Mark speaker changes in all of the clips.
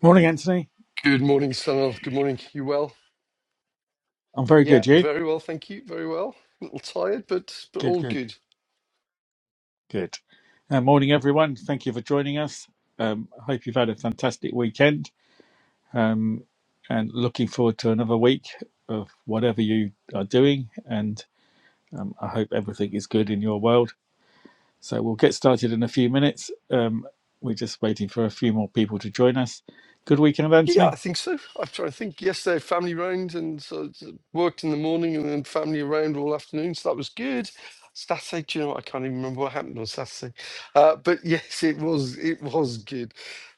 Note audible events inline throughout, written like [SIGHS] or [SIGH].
Speaker 1: Morning, Anthony.
Speaker 2: Good morning, Sunil. Good morning. You well?
Speaker 1: I'm very
Speaker 2: Yeah,
Speaker 1: good. You?
Speaker 2: very well, thank you. Very well. A little tired, but but
Speaker 1: Good,
Speaker 2: all
Speaker 1: good,
Speaker 2: good.
Speaker 1: good. Uh, morning, everyone. Thank you for joining us. Um, I hope you've had a fantastic weekend um, and looking forward to another week of whatever you are doing. And um, I hope everything is good in your world. So we'll get started in a few minutes. Um, we're just waiting for a few more people to join us. Good weekend,
Speaker 2: Yeah, I
Speaker 1: Anthony.
Speaker 2: think so. I'm trying to think. Yesterday, family round, and so it's, uh, worked in the morning, and then family around all afternoon. So that was good. Saturday, do you know what? I can't even remember what happened on Saturday. Uh, but [LAUGHS] yes, it was it was good.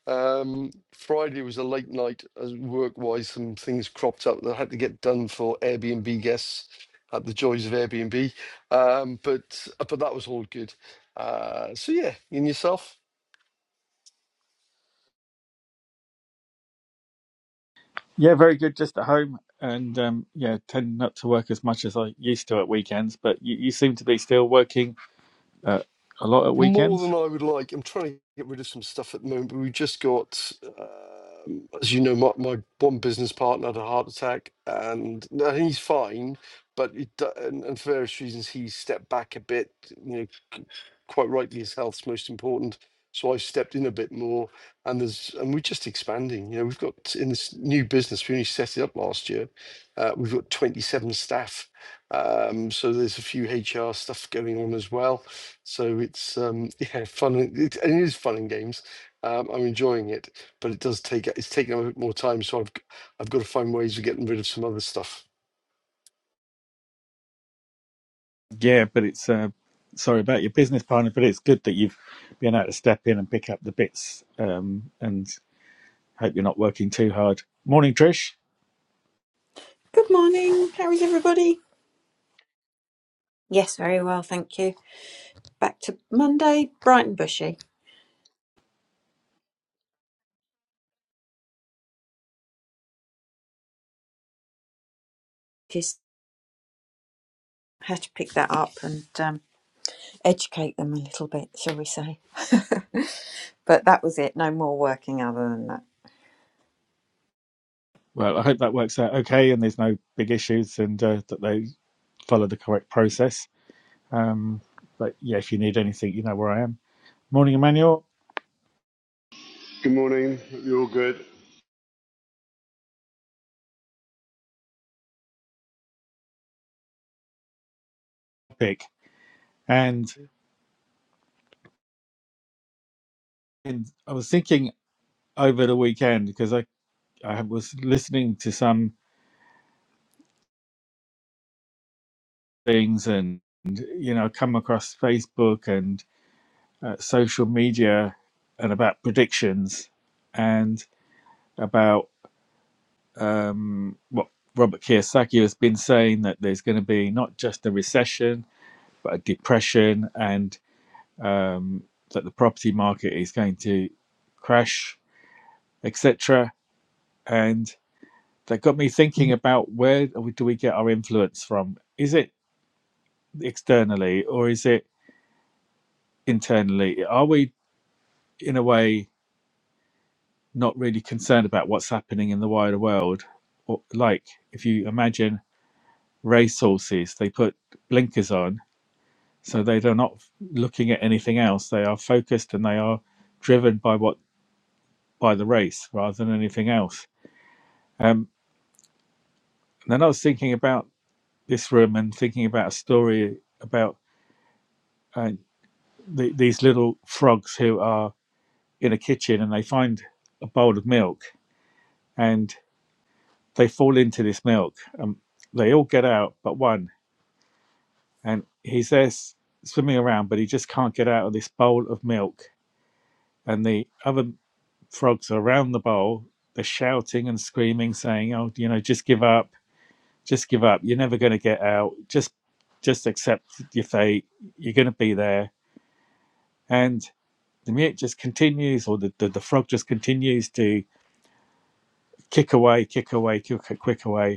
Speaker 2: Um, Friday was a late night, as work wise, some things cropped up that had to get done for Airbnb guests at the joys of Airbnb. Um, but uh, but that was all good. Uh, so yeah, and yourself?
Speaker 1: Yeah, very good. Just at home and um, yeah, tend not to work as much as I used to at weekends, but you, you seem to be still working uh, a lot at
Speaker 2: More than
Speaker 1: weekends.
Speaker 2: I would like. I'm trying to get rid of some stuff at the moment, but we just got, um, as you know, my, my one business partner had a heart attack, and no, he's fine, but it, do- and, and for various reasons he stepped back a bit. You know, c- quite rightly, his health's most important. So I stepped in a bit more, and there's and we're just expanding. You know, we've got in this new business we only set it up last year. Uh, we've got 27 staff, um, so there's a few HR stuff going on as well so it's um, yeah, fun. and- It, and it is fun and games. Um, I'm enjoying it, but it does take it's taking up a bit more time. So I've g- I've got to find ways of getting rid of some other stuff.
Speaker 1: Yeah, but it's uh, sorry about your business partner, but it's good that you've been able to step in and pick up the bits. Um, and hope you're not working too hard. Morning, Trish.
Speaker 3: Good morning. How is everybody? Yes, very well, thank you. Back to Monday, bright and bushy. Just had to pick that up and um, educate them a little bit, shall we say? [LAUGHS] but that was it. No more working other than that.
Speaker 1: Well, I hope that works out okay, and there's no big issues, and uh, that they follow the correct process. Um, but yeah, if you need anything, you know where I am. Morning, Emmanuel.
Speaker 4: Good morning. Hope you're all good.
Speaker 1: Pick. And, and I was thinking over the weekend because I I was listening to some. things and you know come across facebook and uh, social media and about predictions and about um, what robert kiyosaki has been saying that there's going to be not just a recession but a depression and um, that the property market is going to crash etc and that got me thinking about where do we get our influence from is it externally or is it internally? Are we in a way not really concerned about what's happening in the wider world. Or, like if you imagine racehorses, they put blinkers on so they are not looking at anything else. They are focused and they are driven by what by the race rather than anything else. Um, and then I was thinking about this room and thinking about a story about uh, the, these little frogs who are in a kitchen and they find a bowl of milk and. they fall into this milk and they all get out but one and he's there swimming around but he just can't get out of this bowl of milk and the other frogs are around the bowl they're shouting and screaming saying oh you know just give up just give up you're never going to get out just just accept your fate you're going to be there and the mute just continues or the, the, the frog just continues to kick away kick away kick, kick away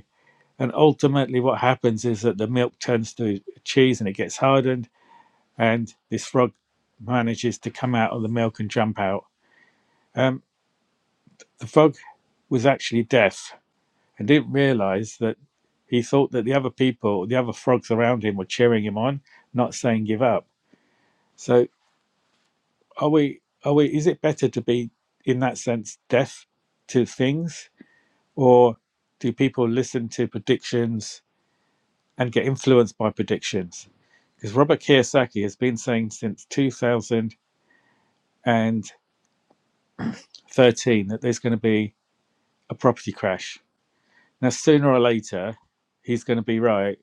Speaker 1: And ultimately, what happens is that the milk turns to cheese and it gets hardened, and this frog manages to come out of the milk and jump out. Um, the frog was actually deaf and didn't realize that he thought that the other people, the other frogs around him, were cheering him on, not saying give up. So, are we? Are we? Is it better to be, in that sense, deaf to things, or do people listen to predictions and get influenced by predictions. Because Robert Kiyosaki has been saying since 2013 that there's going to be a property crash. Now, sooner or later, he's going to be right.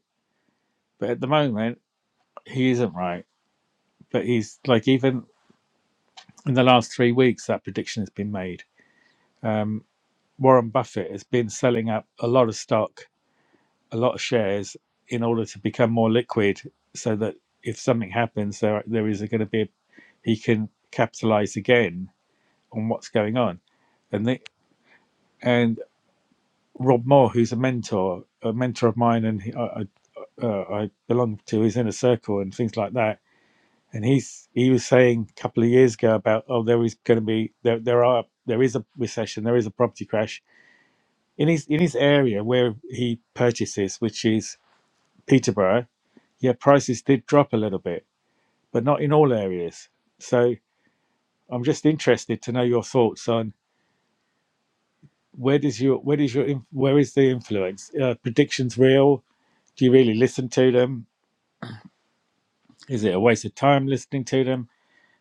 Speaker 1: But at the moment, he isn't right. But he's like, even in the last three weeks, that prediction has been made. Um, Warren Buffett has been selling up a lot of stock, a lot of shares in order to become more liquid so that if something happens, there, there is going to be, a, he can capitalize again on what's going on. And they, and Rob Moore, who's a mentor, a mentor of mine, and he, I, I, uh, I belong to his inner circle and things like that. And he's he was saying a couple of years ago about oh there is going to be there there are there is a recession there is a property crash in his in his area where he purchases which is Peterborough yeah prices did drop a little bit but not in all areas so I'm just interested to know your thoughts on where does your where does your where is the influence uh, predictions real do you really listen to them is it a waste of time listening to them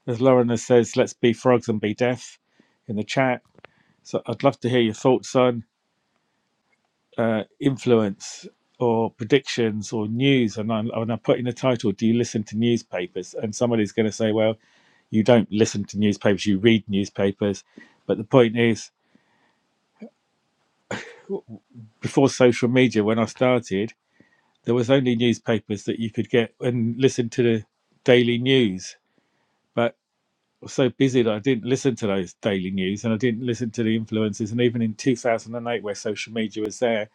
Speaker 1: as lauren says let's be frogs and be deaf in the chat so i'd love to hear your thoughts on uh, influence or predictions or news and I, and I put in the title do you listen to newspapers and somebody's going to say well you don't listen to newspapers you read newspapers but the point is before social media when i started there was only newspapers that you could get and listen to the daily news. But I was so busy that I didn't listen to those daily news and I didn't listen to the influences. And even in 2008, where social media was there,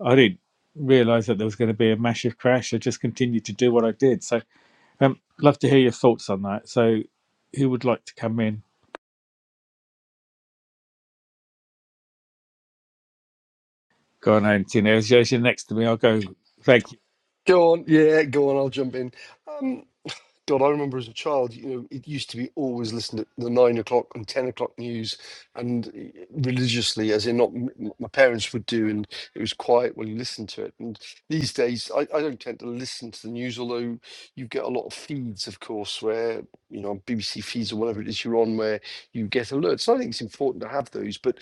Speaker 1: I didn't realize that there was going to be a massive crash. I just continued to do what I did. So, um, love to hear your thoughts on that. So, who would like to come in? Go on, Anthony. As you're next to me, I'll go. Thank you.
Speaker 2: Go on, yeah, go on. I'll jump in. God, I remember as a child, you know, it used to be always listened to the nine o'clock and ten o'clock news, and eh, religiously, as in not m- my parents would do, and it was quiet when you listened to it. And these days, I, I don't tend to listen to the news, although you get a lot of feeds, of course, where you know BBC feeds or whatever it is you're on, where you get alerts. And I think it's important to have those, but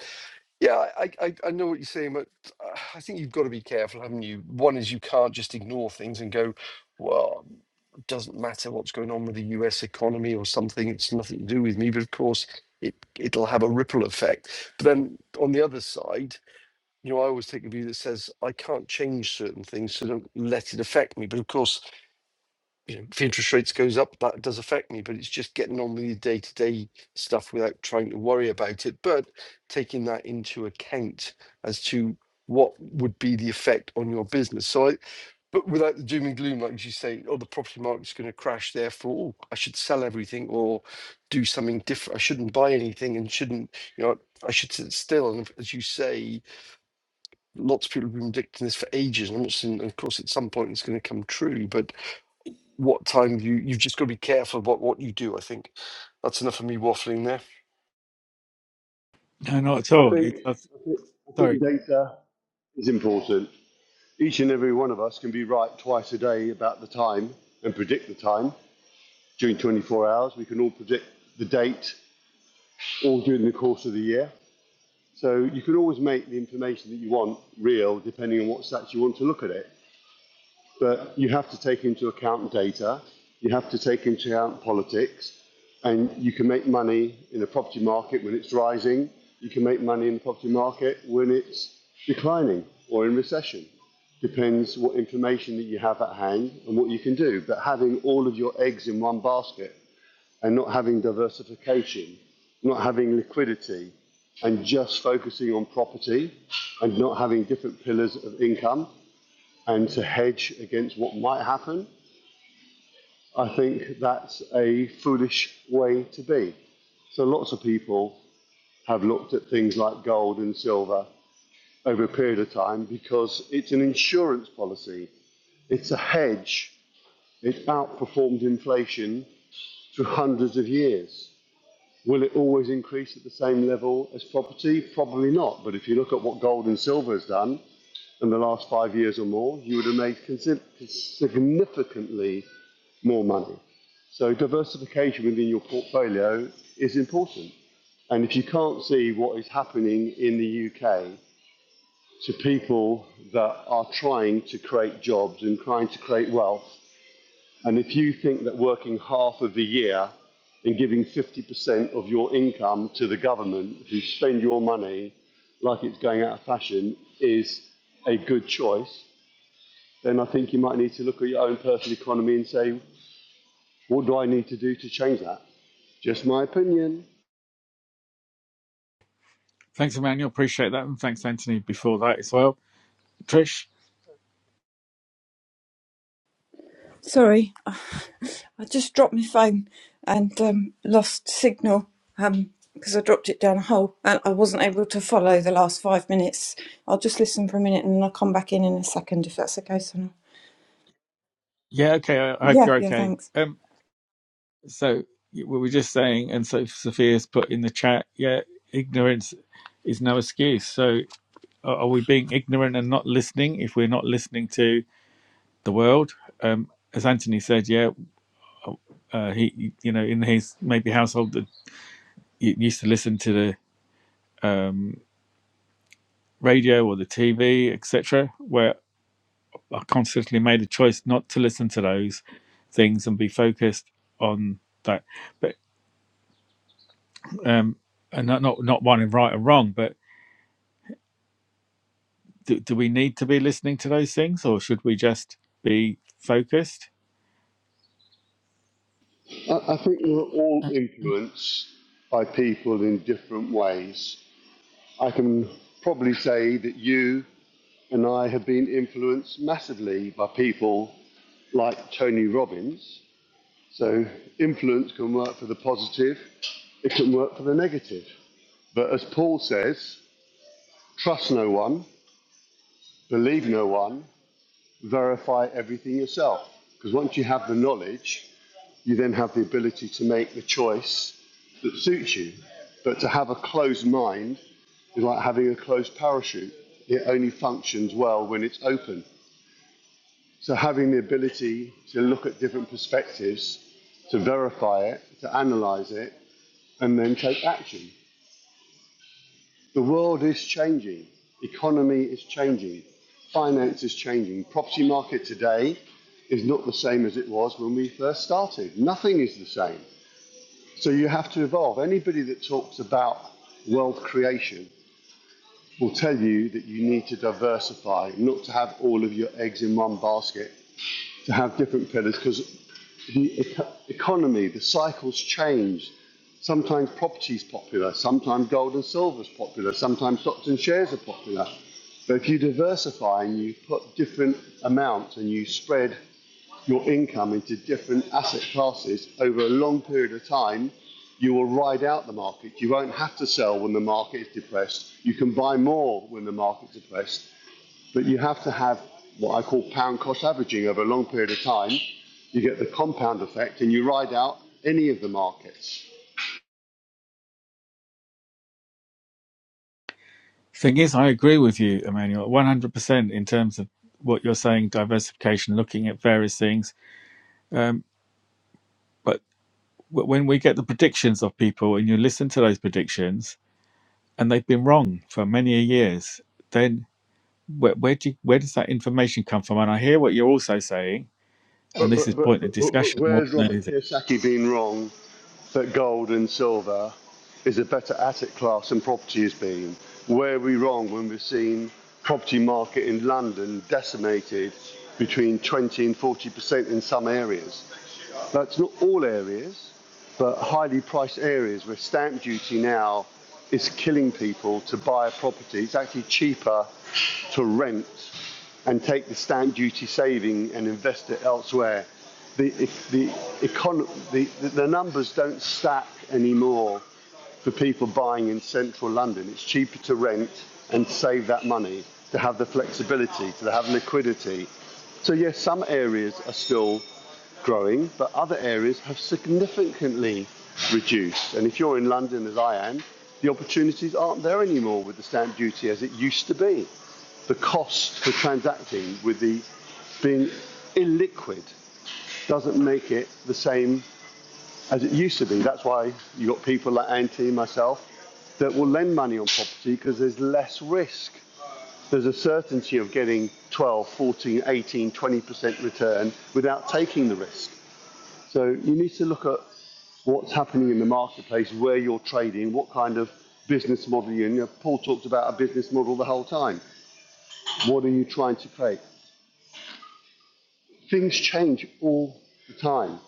Speaker 2: yeah, I, I, I know what you're saying, but uh, I think you've got to be careful, haven't you? One is you can't just ignore things and go, well, it doesn't matter what's going on with the US economy or something, it's nothing to do with me. But of course, it, it'll have a ripple effect. But then on the other side, you know, I always take the view that says, I can't change certain things, so don't let it affect me. But of course, you know, if interest rates goes up, that does affect me, but it's just getting on with the day to day stuff without trying to worry about it, but taking that into account as to what would be the effect on your business. So, I, but without the doom and gloom, like you say, oh, the property market's going to crash, therefore, oh, I should sell everything or do something different. I shouldn't buy anything and shouldn't, you know, I should sit still. And as you say, lots of people have been predicting this for ages. And I'm not saying, of course, at some point it's going to come true, but what time you you've just got to be careful about what you do. I think that's enough of me waffling there.
Speaker 1: No, not at
Speaker 4: I
Speaker 1: all.
Speaker 4: think,
Speaker 1: It's, uh,
Speaker 4: I think I think
Speaker 1: sorry.
Speaker 4: data is important. Each and every one of us can be right twice a day about the time and predict the time during 24 hours. We can all predict the date all during the course of the year. So you can always make the information that you want real depending on what stats you want to look at it. But you have to take into account data, you have to take into account politics, and you can make money in the property market when it's rising, you can make money in the property market when it's declining or in recession. Depends what information that you have at hand and what you can do. But having all of your eggs in one basket and not having diversification, not having liquidity, and just focusing on property and not having different pillars of income and to hedge against what might happen I think that's a foolish way to be. So lots of people have looked at things like gold and silver over a period of time because it's an insurance policy. It's a hedge. It's outperformed inflation through hundreds of years. Will it always increase at the same level as property? Probably not. But if you look at what gold and silver has done in the last five years or more, you would have made significantly more money. So diversification within your portfolio is important. And if you can't see what is happening in the UK to people that are trying to create jobs and trying to create wealth, and if you think that working half of the year and giving 50% of your income to the government who spend your money like it's going out of fashion is a good choice, then I think you might need to look at your own personal economy and say, what do I need to do to change that? Just my opinion.
Speaker 1: Thanks, Emmanuel. Appreciate that. And thanks, Anthony, before that as well. Trish?
Speaker 3: Sorry, I just dropped my phone and um, lost signal um, because I dropped it down a hole and I wasn't able to follow the last five minutes. I'll just listen for a minute and then I'll come back in in a second if that's okay. So
Speaker 1: Yeah, okay. I I hope
Speaker 3: yeah,
Speaker 1: you're
Speaker 3: yeah,
Speaker 1: okay.
Speaker 3: thanks.
Speaker 1: Um, so we were just saying, and so Sophia's put in the chat, yeah, ignorance is no excuse. So are are we being ignorant and not listening if we're not listening to the world? Um, as Anthony said, yeah, uh, he, you know, in his maybe household that y- used to listen to the um, radio or the TV, etc., where I consciously made a choice not to listen to those things and be focused on that. but. um, and not not not one and right and wrong, but do, do we need to be listening to those things, or should we just be focused?
Speaker 4: I think we we're all influenced by people in different ways. I can probably say that you and I have been influenced massively by people like Tony Robbins. So, influence can work for the positive, it can work for the negative. But as Paul says, trust no one, believe no one, verify everything yourself. Because once you have the knowledge, you then have the ability to make the choice that suits you. But to have a closed mind is like having a closed parachute. It only functions well when it's open. So having the ability to look at different perspectives, to verify it, to analyze it, and then take action. The world is changing. Economy is changing. Finance is changing. Property market today is not the same as it was when we first started. Nothing is the same. So you have to evolve. Anybody that talks about world creation will tell you that you need to diversify, not to have all of your eggs in one basket, to have different pillars because the eco- economy, the cycles change. Sometimes property is popular, sometimes gold and silver is popular, sometimes stocks and shares are popular. But if you diversify and you put different amounts and you spread your income into different asset classes over a long period of time, you will ride out the market. You won't have to sell when the market is depressed. You can buy more when the market's depressed, but you have to have what I call pound cost averaging over a long period of time. You get the compound effect and you ride out any of the markets.
Speaker 1: Thing is, I agree with you, Emmanuel, one hundred percent in terms of what you're saying, diversification, looking at various things. Um, but w- when we get the predictions of people, and you listen to those predictions, and they've been wrong for many years, then where, where do you, where does that information come from? And I hear what you're also saying, and
Speaker 4: But,
Speaker 1: this is
Speaker 4: but, but,
Speaker 1: point of
Speaker 4: but, but, but
Speaker 1: discussion more
Speaker 4: where's
Speaker 1: than
Speaker 4: Robert
Speaker 1: anything.
Speaker 4: Kiyosaki been wrong that gold and silver is a better asset class than property has been? Where are we wrong when we've seen property market in London decimated between 20 and 40% in some areas? That's not all areas, but highly priced areas where stamp duty now is killing people to buy a property. It's actually cheaper to rent and take the stamp duty saving and invest it elsewhere. The, the, econ- the, the numbers don't stack anymore for people buying in central London. It's cheaper to rent and save that money, to have the flexibility, to have liquidity. So, yes, some areas are still growing, but other areas have significantly reduced. And if you're in London, as I am, the opportunities aren't there anymore with the stamp duty as it used to be. The cost for transacting with the being illiquid doesn't make it the same as it used to be. That's why you have got people like Anty, myself, that will lend money on property because there's less risk. There's a certainty of getting 12, 14, 18, 20% return without taking the risk. So you need to look at what's happening in the marketplace, where you're trading, what kind of business model you're in. You know, Paul talked about a business model the whole time. What are you trying to create? Things change all the time.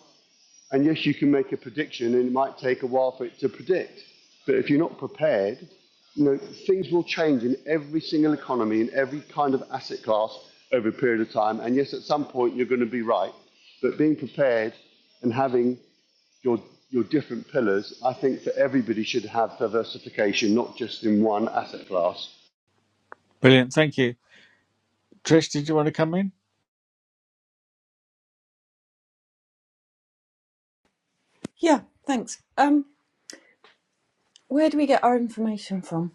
Speaker 4: And yes, you can make a prediction and it might take a while for it to predict. But if you're not prepared, you know, things will change in every single economy, in every kind of asset class over a period of time. And yes, at some point you're going to be right. But being prepared and having your your different pillars, I think that everybody should have diversification, not just in one asset class.
Speaker 1: Brilliant, thank you. Trish, did you want to come in?
Speaker 3: Yeah, thanks. Um, Where do we get our information from?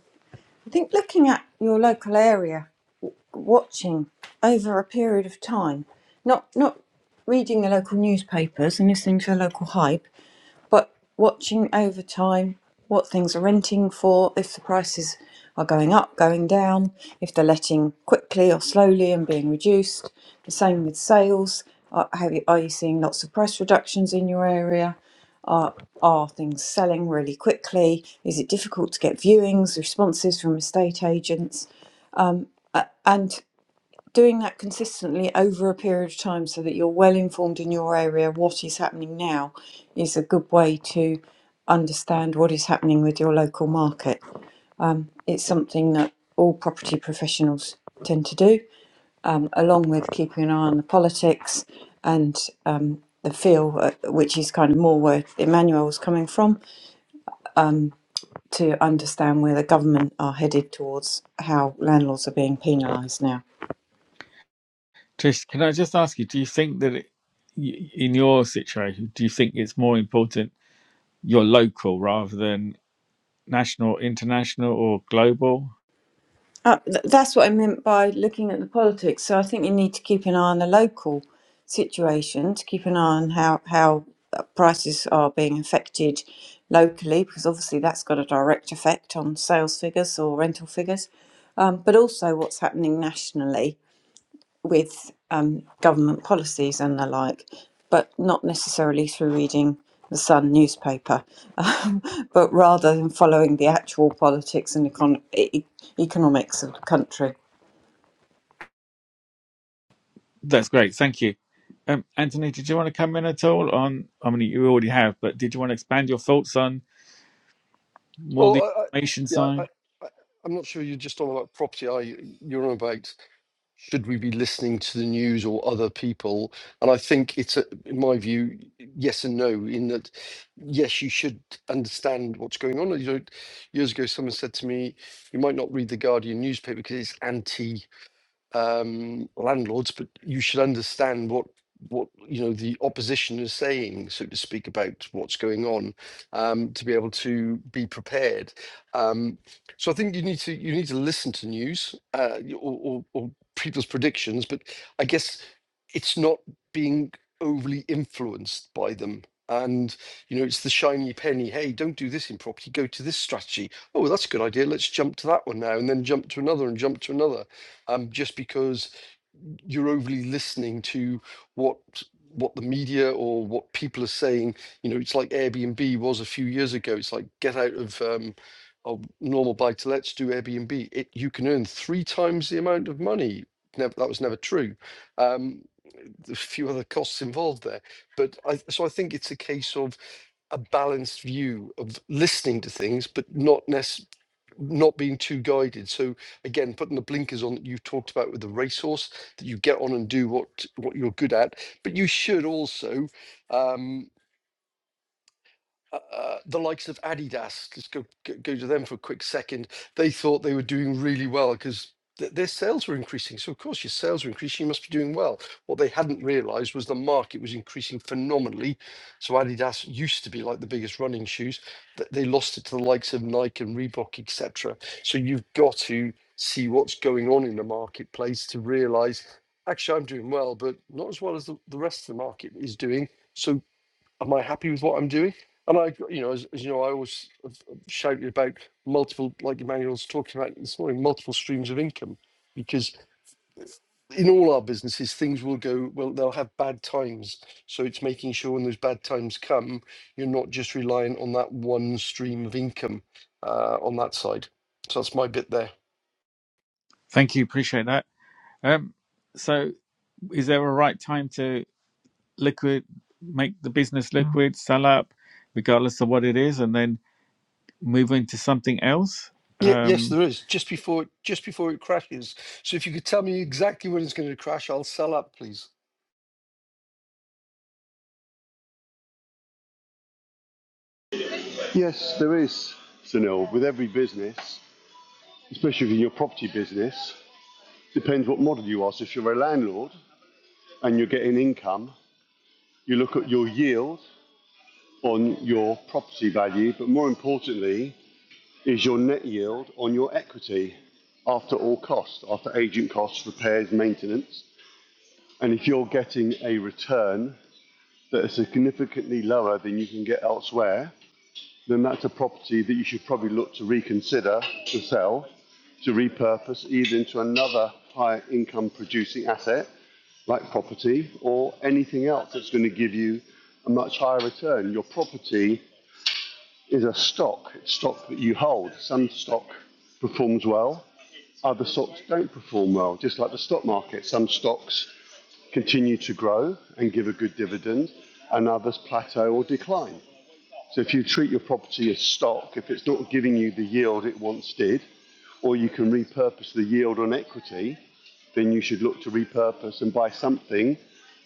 Speaker 3: I think looking at your local area, watching over a period of time, not not reading the local newspapers and listening to the local hype, but watching over time what things are renting for, if the prices are going up, going down, if they're letting quickly or slowly and being reduced. The same with sales. Are, have you, are you seeing lots of price reductions in your area? Are, are things selling really quickly? Is it difficult to get viewings, responses from estate agents? And doing that consistently over a period of time so that you're well informed in your area what is happening now is a good way to understand what is happening with your local market it's something that all property professionals tend to do um, along with keeping an eye on the politics and um, the feel uh, which is kind of more where emmanuel was coming from to understand where the government are headed towards how landlords are being penalised now
Speaker 1: Trish, can I just ask you, do you think that it, y- in your situation, do you think it's more important you're local rather than national, international, or global?
Speaker 3: Uh, th- that's what I meant by looking at the politics. So I think you need to keep an eye on the local situation, to keep an eye on how how uh, prices are being affected locally, because obviously that's got a direct effect on sales figures or rental figures, um, but also what's happening nationally with um, government policies and the like, but not necessarily through reading the Sun newspaper, [LAUGHS] um, but rather than following the actual politics and econ- e- economics of the country.
Speaker 1: That's great. Thank you. Um, Anthony, did you want to come in at all on, I mean, you already have, but did you want to expand your thoughts on more
Speaker 2: Well,
Speaker 1: the
Speaker 2: I, I,
Speaker 1: information
Speaker 2: yeah, I,
Speaker 1: side?
Speaker 2: I, I'm not sure you're just on about property. I you're on about should we be listening to the news or other people? And I think it's a, in my view, yes and no. In that, yes, you should understand what's going on. You know, years ago, someone said to me, "You might not read the Guardian newspaper because it's anti." um, landlords, but you should understand what what you know the opposition is saying, so to speak, about what's going on, um, to be able to be prepared. Um, so I think you need to you need to listen to news uh, y- or, or, or people's predictions, but I guess it's not being overly influenced by them. And you know, it's the shiny penny. Hey, don't do this in property. Go to this strategy. Oh, well, that's a good idea. Let's jump to that one now, and then jump to another, and jump to another um, just because you're overly listening to what what the media or what people are saying. You know, it's like Airbnb was a few years ago. It's like get out of um, of normal buy to let's do Airbnb. It you can earn three times the amount of money. Never, that was never true. Um, there's a few other costs involved there, but I, so I think it's a case of a balanced view of listening to things, but not necessarily not being too guided. So again, putting the blinkers on that you have talked about with the racehorse, that you get on and do what what you're good at. But you should also um, uh, uh, the likes of Adidas, just go, go go to them for a quick second. They thought they were doing really well because th- their sales were increasing. So, of course, your sales were increasing, you must be doing well. What they hadn't realized was the market was increasing phenomenally. So, Adidas used to be like the biggest running shoes, th- they lost it to the likes of Nike and Reebok, etc. So, you've got to see what's going on in the marketplace to realize actually, I'm doing well, but not as well as the, the rest of the market is doing. So am I happy with what I'm doing? And I, you know, as, as you know, I always have shouted about multiple, like Emmanuel's talking about this morning, multiple streams of income, because in all our businesses, things will go well. They'll have bad times, so it's making sure when those bad times come, you're not just reliant on that one stream of income uh, on that side. So that's my bit there.
Speaker 1: Thank you. Appreciate that. Um, so is there a right time to liquid, make the business liquid, sell up, regardless of what it is, and then move into something else?
Speaker 2: Yeah, yes,
Speaker 1: Um,
Speaker 2: there is. Just before, just before it crashes. So if you could tell me exactly when it's going to crash, I'll sell up, please.
Speaker 4: Yes, there is, Sunil, with every business, especially in your property business, depends what model you are. So if you're a landlord and you're getting income, you look at your yield on your property value, but more importantly is your net yield on your equity after all costs, after agent costs, repairs, maintenance. And if you're getting a return that are significantly lower than you can get elsewhere, then that's a property that you should probably look to reconsider to sell, to repurpose either into another higher income producing asset like property or anything else that's going to give you a much higher return. Your property is a stock, it's stock that you hold. Some stock performs well, other stocks don't perform well, just like the stock market. Some stocks continue to grow and give a good dividend, and others plateau or decline. So if you treat your property as stock, if it's not giving you the yield it once did, or you can repurpose the yield on equity, then you should look to repurpose and buy something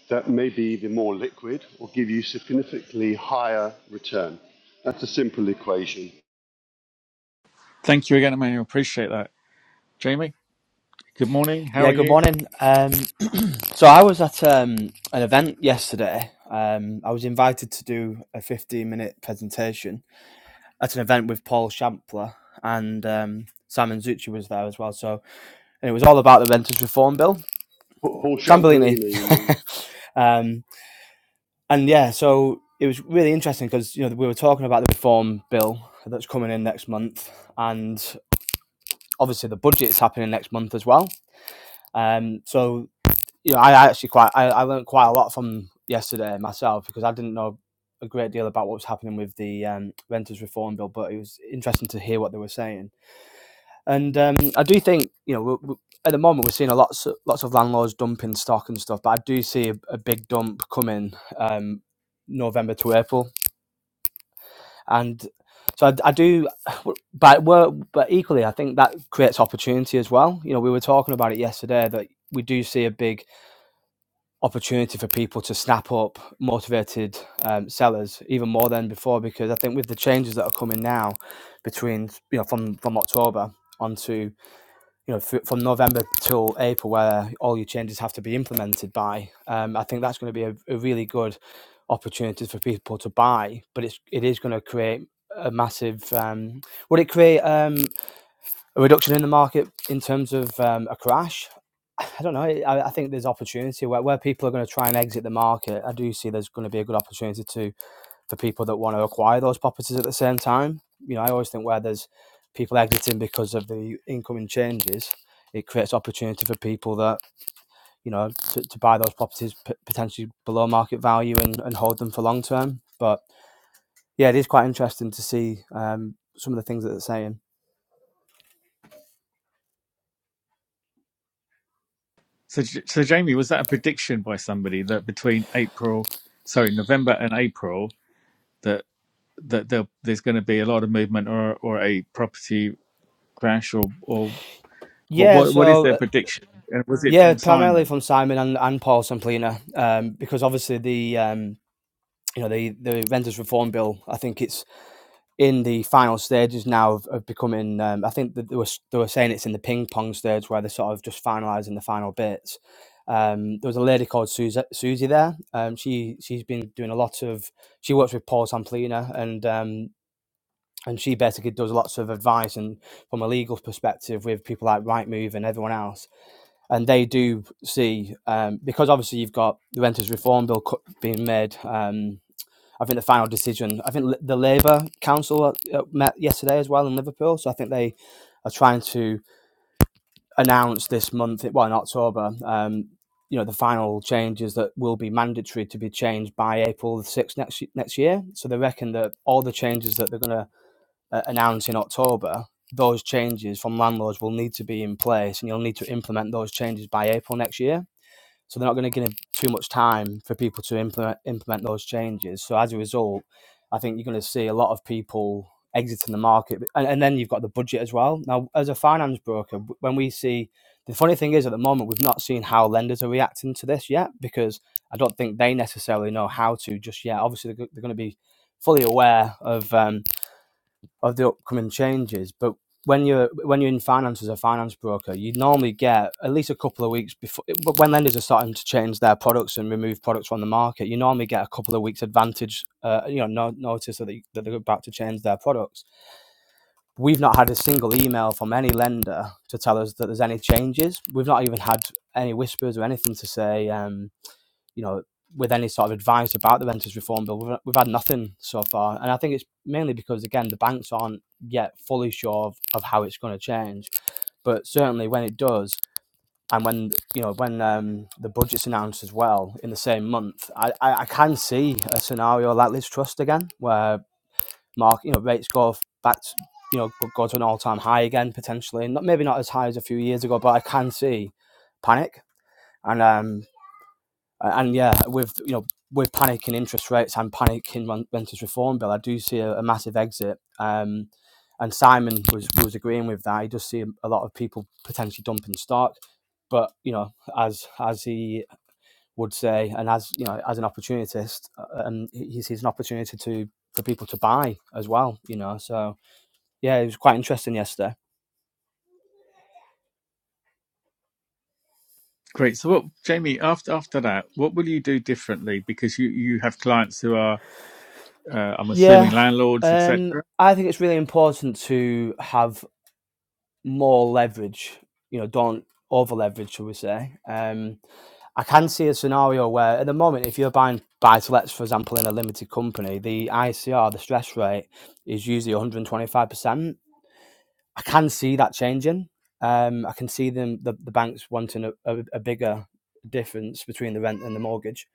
Speaker 4: that may be either more liquid or give you significantly higher return. That's a simple equation.
Speaker 1: thank you again, Emmanuel. Appreciate that. Jamie, good morning. How
Speaker 5: Yeah,
Speaker 1: are
Speaker 5: good
Speaker 1: you?
Speaker 5: morning. Um, so I was at um, an event yesterday. Um, I was invited to do a 15 minute presentation at an event with Paul Shampler and um, Simon Zucci was there as well. So and it was all about the Renters Reform Bill,
Speaker 4: Paul
Speaker 5: Tambellini.
Speaker 4: Champolina, you mean?
Speaker 5: [LAUGHS] um, and yeah, so it was really interesting because you know we were talking about the Reform Bill that's coming in next month, and obviously the budget's happening next month as well. Um, so you know, I I actually quite I, I learned quite a lot from yesterday myself because I didn't know a great deal about what was happening with the um, renters reform bill, but it was interesting to hear what they were saying. And um, I do think you know we at the moment we're seeing a lots lots of landlords dumping stock and stuff, but I do see a, a big dump coming um, November to April, and so I, I do. But we're, but equally, I think that creates opportunity as well. You know, we were talking about it yesterday that we do see a big opportunity for people to snap up motivated um, sellers even more than before because I think with the changes that are coming now between you know from from October onto you know fr- from November till April where all your changes have to be implemented by um, I think that's going to be a, a really good opportunity for people to buy but it's it is going to create a massive um, would it create um, a reduction in the market in terms of um, a crash. I don't know. I, I think there's opportunity where, where people are going to try and exit the market. I do see there's going to be a good opportunity to for people that want to acquire those properties at the same time. You know, I always think where there's people exiting because of the incoming changes, it creates opportunity for people that you know to, to buy those properties p- potentially below market value and, and hold them for long term. But yeah, it is quite interesting to see um, some of the things that they're saying.
Speaker 1: So, J- so Jamie, was that a prediction by somebody that between April, sorry, November and April, that that there, there's going to be a lot of movement or or a property crash or or what
Speaker 5: Yeah,
Speaker 1: what what is
Speaker 5: so
Speaker 1: their prediction? And was it
Speaker 5: Yeah,
Speaker 1: from
Speaker 5: primarily
Speaker 1: Simon?
Speaker 5: from Simon and, and Paul Samplina, um, because obviously the um, you know the the renters reform bill. I think it's in the final stages now of, of becoming. Um, I think that they were they were saying it's in the ping pong stage where they're sort of just finalising the final bits. Um, there was a lady called Susie, Susie there. Um, she she's been doing a lot of. She works with Paul Samplina and. Um, and she basically does lots of advice and from a legal perspective with people like Rightmove and everyone else and they do see um, because obviously you've got the renters reform bill being made. Um, I think the final decision. I think the Labour Council uh, uh, met yesterday as well in Liverpool, so I think they are trying to announce this month, well in October, um, you know, the final changes that will be mandatory to be changed by April the sixth next next year. So they reckon that all the changes that they're going to uh, announce in October, those changes from landlords will need to be in place, and you'll need to implement those changes by April next year. So they're not going to give too much time for people to implement implement those changes. So as a result, I think you're going to see a lot of people exiting the market, and, and then you've got the budget as well. Now, as a finance broker, when we see the funny thing is at the moment we've not seen how lenders are reacting to this yet because I don't think they necessarily know how to just yet. Obviously, they're, they're going to be fully aware of. Um, of the upcoming changes. But when you're when you're in finance as a finance broker, you normally get at least a couple of weeks before but when lenders are starting to change their products and remove products from the market. You normally get a couple of weeks advantage, uh, you know, no, notice that, they, that they're about to change their products. We've not had a single email from any lender to tell us that there's any changes. We've not even had any whispers or anything to say. Um, you know, with any sort of advice about the renters reform bill. We've, we've had nothing so far, and I think it's mainly because again the banks aren't yet fully sure of, of how it's going to change. But certainly when it does, and when you know when um, the budget's announced as well in the same month, I, I, I can see a scenario like Liz Trust again, where mark you know rates go back to, you know go to an all time high again potentially, not maybe not as high as a few years ago, but I can see panic. And um, uh, and yeah, with you know with panic in interest rates and panic in rent- renters reform bill, I do see a, a massive exit. Um, and Simon was was agreeing with that. He does see a lot of people potentially dumping stock, but you know, as as he would say, and as you know, as an opportunist, uh, and he sees an opportunity to for people to buy as well. You know, so yeah, it was quite interesting yesterday.
Speaker 1: Great. So, what, Jamie? After after that, what will you do differently? Because you you have clients who are, uh, I'm assuming,
Speaker 5: Yeah,
Speaker 1: landlords, etc.
Speaker 5: um, I think it's really important to have more leverage. You know, don't over leverage, shall we say? Um, I can see a scenario where, at the moment, if you're buying buy to lets, for example, in a limited company, the ICR, the stress rate, is usually 125%. I can see that changing. Um, I can see them the, the banks wanting a, a, a bigger difference between the rent and the mortgage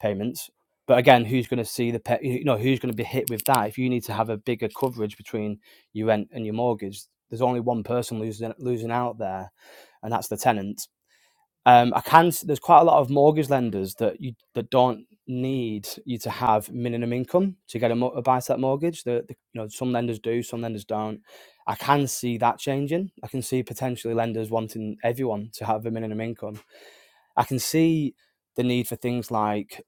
Speaker 5: payments. But again, who's going to see the pe- you know who's going to be hit with that? If you need to have a bigger coverage between your rent and your mortgage, there's only one person losing losing out there, and that's the tenant. Um, I can. There's quite a lot of mortgage lenders that you that don't need you to have minimum income to get a, mo- a buy-to-let mortgage. The, the you know some lenders do, some lenders don't. I can see that changing. I can see potentially lenders wanting everyone to have a minimum income. I can see the need for things like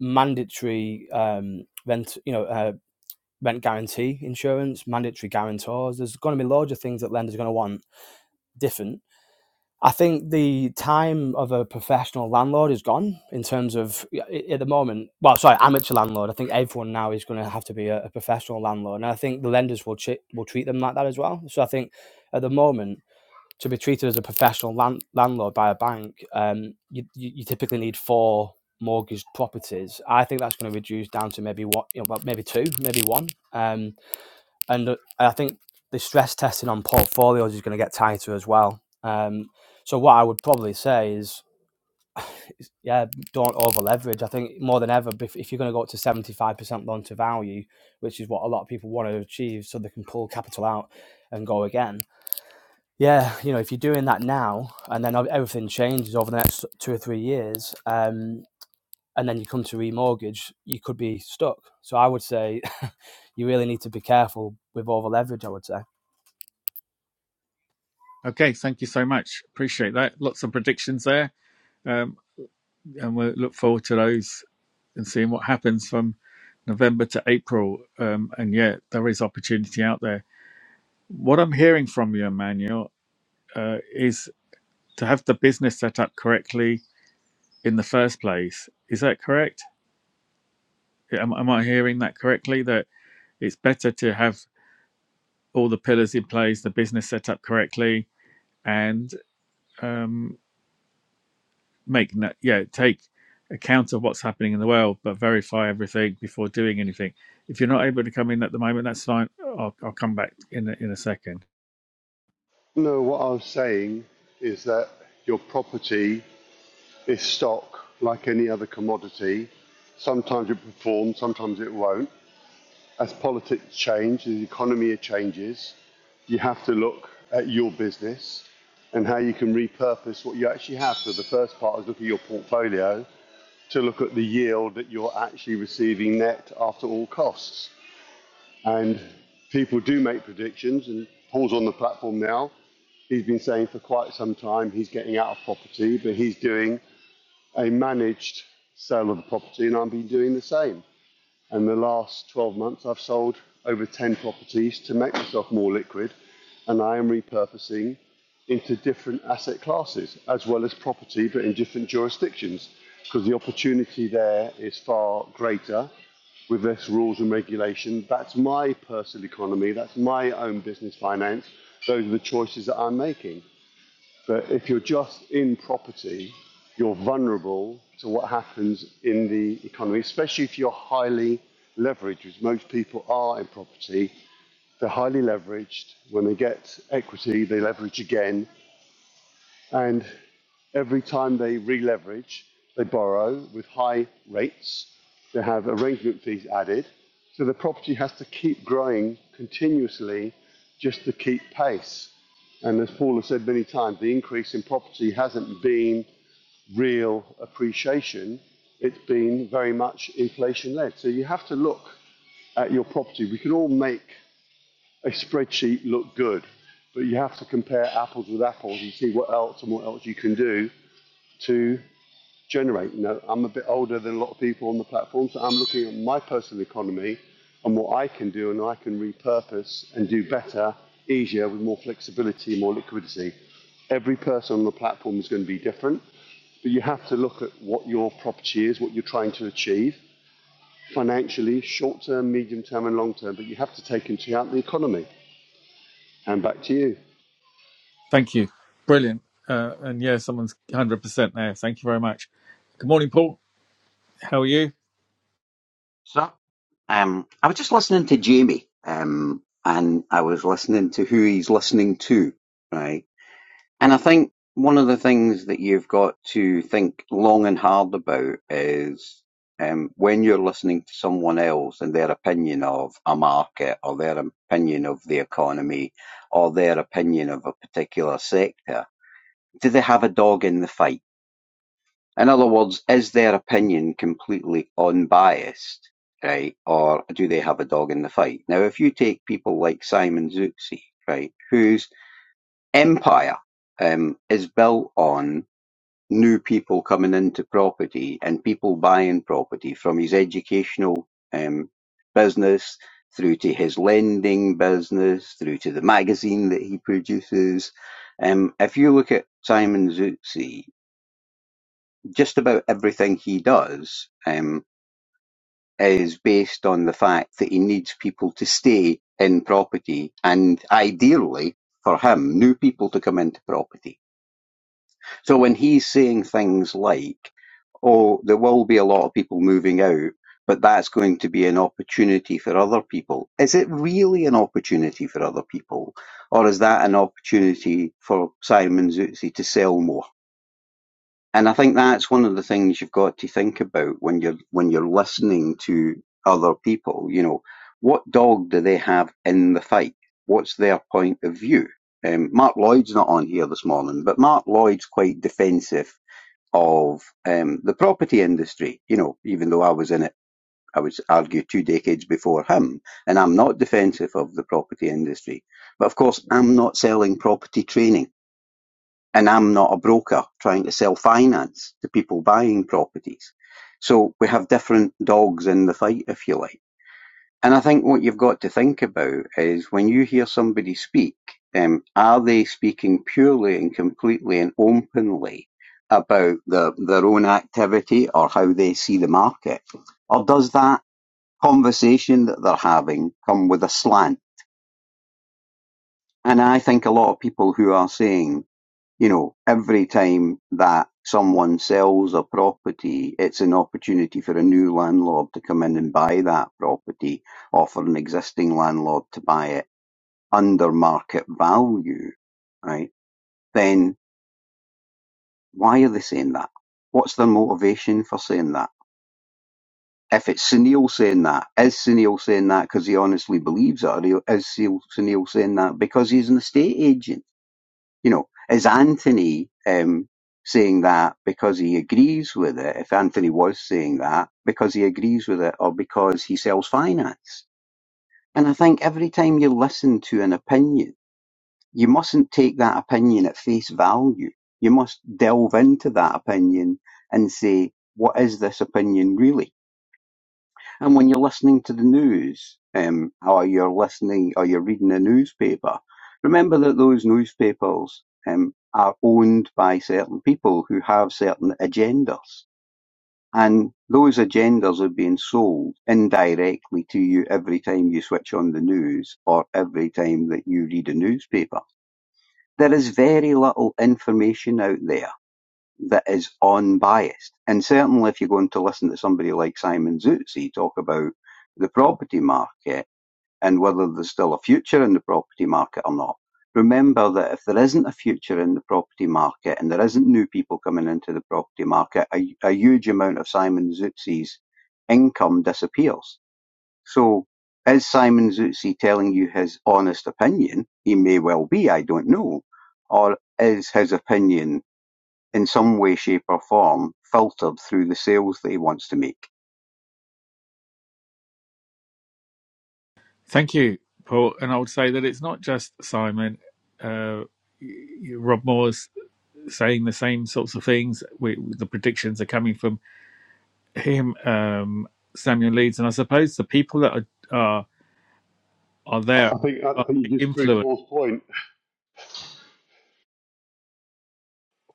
Speaker 5: mandatory um, rent, you know, uh, rent guarantee insurance, mandatory guarantors. There's going to be loads of things that lenders are going to want different I think the time of a professional landlord is gone in terms of yeah, at the moment. Well, sorry, amateur landlord. I think everyone now is going to have to be a, a professional landlord, and I think the lenders will chi- will treat them like that as well. So I think at the moment to be treated as a professional land- landlord by a bank, um, you, you you typically need four mortgaged properties. I think that's going to reduce down to maybe what you know, well, maybe two, maybe one. Um, and uh, I think the stress testing on portfolios is going to get tighter as well. Um, so what I would probably say is, yeah, don't over leverage. I think more than ever, if, if you're going to go up to seventy five percent loan to value, which is what a lot of people want to achieve, so they can pull capital out and go again. Yeah, you know, if you're doing that now, and then everything changes over the next two or three years, um, and then you come to remortgage, you could be stuck. So I would say, [LAUGHS] you really need to be careful with over leverage. I would say.
Speaker 1: Okay. Thank you so much. Appreciate that. Lots of predictions there, um, and we'll look forward to those and seeing what happens from November to April. Um, and yeah, there is opportunity out there. What I'm hearing from you, Emmanuel, uh, is to have the business set up correctly in the first place. Is that correct? Am, am I hearing that correctly? That it's better to have all the pillars in place, the business set up correctly, and um, make no- yeah take account of what's happening in the world, but verify everything before doing anything. If you're not able to come in at the moment, that's fine. I'll, I'll come back in a, in a second.
Speaker 4: No, what I was saying is that your property is stock like any other commodity. Sometimes it performs, sometimes it won't. as politics change, as the economy changes, you have to look at your business and how you can repurpose what you actually have. So the first part is look at your portfolio to look at the yield that you're actually receiving net after all costs. And people do make predictions, and Paul's on the platform now. He's been saying for quite some time he's getting out of property, but he's doing a managed sale of the property, and I've been doing the same. and the last 12 months, I've sold over 10 properties to make myself more liquid, and I am repurposing into different asset classes as well as property, but in different jurisdictions, because the opportunity there is far greater with less rules and regulation. That's my personal economy, that's my own business finance. Those are the choices that I'm making. But if you're just in property, you're vulnerable to what happens in the economy, especially if you're highly leveraged, which most people are in property. They're highly leveraged. When they get equity, they leverage again. And every time they re-leverage, they borrow with high rates. They have arrangement fees added. So the property has to keep growing continuously just to keep pace. And as Paul has said many times, the increase in property hasn't been real appreciation. It's been very much inflation led. So you have to look at your property. We can all make a spreadsheet look good, but you have to compare apples with apples and see what else and what else you can do to generate. you know, I'm a bit older than a lot of people on the platform, so I'm looking at my personal economy and what I can do and I can repurpose and do better, easier, with more flexibility, more liquidity. Every person on the platform is going to be different, but you have to look at what your property is, what you're trying to achieve financially, short term, medium term, and long term, but you have to take into account the economy. And back to you.
Speaker 1: Thank you. Brilliant. Uh, and yeah, someone's 100% there. Thank you very much. Good morning, Paul. How are you?
Speaker 6: So, um, I was just listening to Jamie, um, and I was listening to who he's listening to, right? And I think one of the things that you've got to think long and hard about is um, when you're listening to someone else and their opinion of a market or their opinion of the economy or their opinion of a particular sector, do they have a dog in the fight? In other words, is their opinion completely unbiased, right? Or do they have a dog in the fight? Now, if you take people like Simon Zutzi, right, whose empire um, is built on new people coming into property and people buying property from his educational um, business through to his lending business, through to the magazine that he produces. Um, if you look at Simon Zutzi, just about everything he does um, is based on the fact that he needs people to stay in property and ideally for him, new people to come into property. So when he's saying things like, oh, there will be a lot of people moving out, but that's going to be an opportunity for other people. Is it really an opportunity for other people? Or is that an opportunity for Simon Zutzi to sell more? and I think that's one of the things you've got to think about when you're when you're listening to other people. You know, what dog do they have in the fight? What's their point of view? Um, Mark Lloyd's not on here this morning, but Mark Lloyd's quite defensive of um, the property industry. You know, even though I was in it, I would argue two decades before him, and I'm not defensive of the property industry. But of course, I'm not selling property training and I'm not a broker trying to sell finance to people buying properties. So we have different dogs in the fight, if you like. And I think what you've got to think about is when you hear somebody speak, um, are they speaking purely and completely and openly about the, their own activity or how they see the market? Or does that conversation that they're having come with a slant? And I think a lot of people who are saying you know, every time that someone sells a property, it's an opportunity for a new landlord to come in and buy that property or for an existing landlord to buy it under market value, right? Then why are they saying that? What's their motivation for saying that? If it's Sunil saying that, is Sunil saying that because he honestly believes it, or is Sunil saying that because he's an estate agent? You know, is Anthony um, saying that because he agrees with it? If Anthony was saying that because he agrees with it or because he sells finance? And I think every time you listen to an opinion, you mustn't take that opinion at face value. You must delve into that opinion and say, what is this opinion really? And when you're listening to the news, um, or you're listening, or you're reading a newspaper, remember that those newspapers um, are owned by certain people who have certain agendas. And those agendas are being sold indirectly to you every time you switch on the news or every time that you read a newspaper. There is very little information out there that is unbiased. And certainly, if you're going to listen to somebody like Simon Zutzi talk about the property market and whether there's still a future in the property market or not, remember that if there isn't a future in the property market and there isn't new people coming into the property market, a, a huge amount of Simon Zutzi's income disappears. So, is Simon Zutzi telling you his honest opinion? He may well be, I don't know. Or is his opinion in some way, shape or form, filtered through the sales that he wants to make.
Speaker 1: Thank you, Paul. And I would say that it's not just Simon. Uh, y- y- Rob Moore's saying the same sorts of things. We, the predictions are coming from him, um, Samuel Leeds, and I suppose the people that are are, are there
Speaker 4: I think I
Speaker 1: are
Speaker 4: think
Speaker 1: big
Speaker 4: you just proved
Speaker 1: influence.
Speaker 4: Paul's point.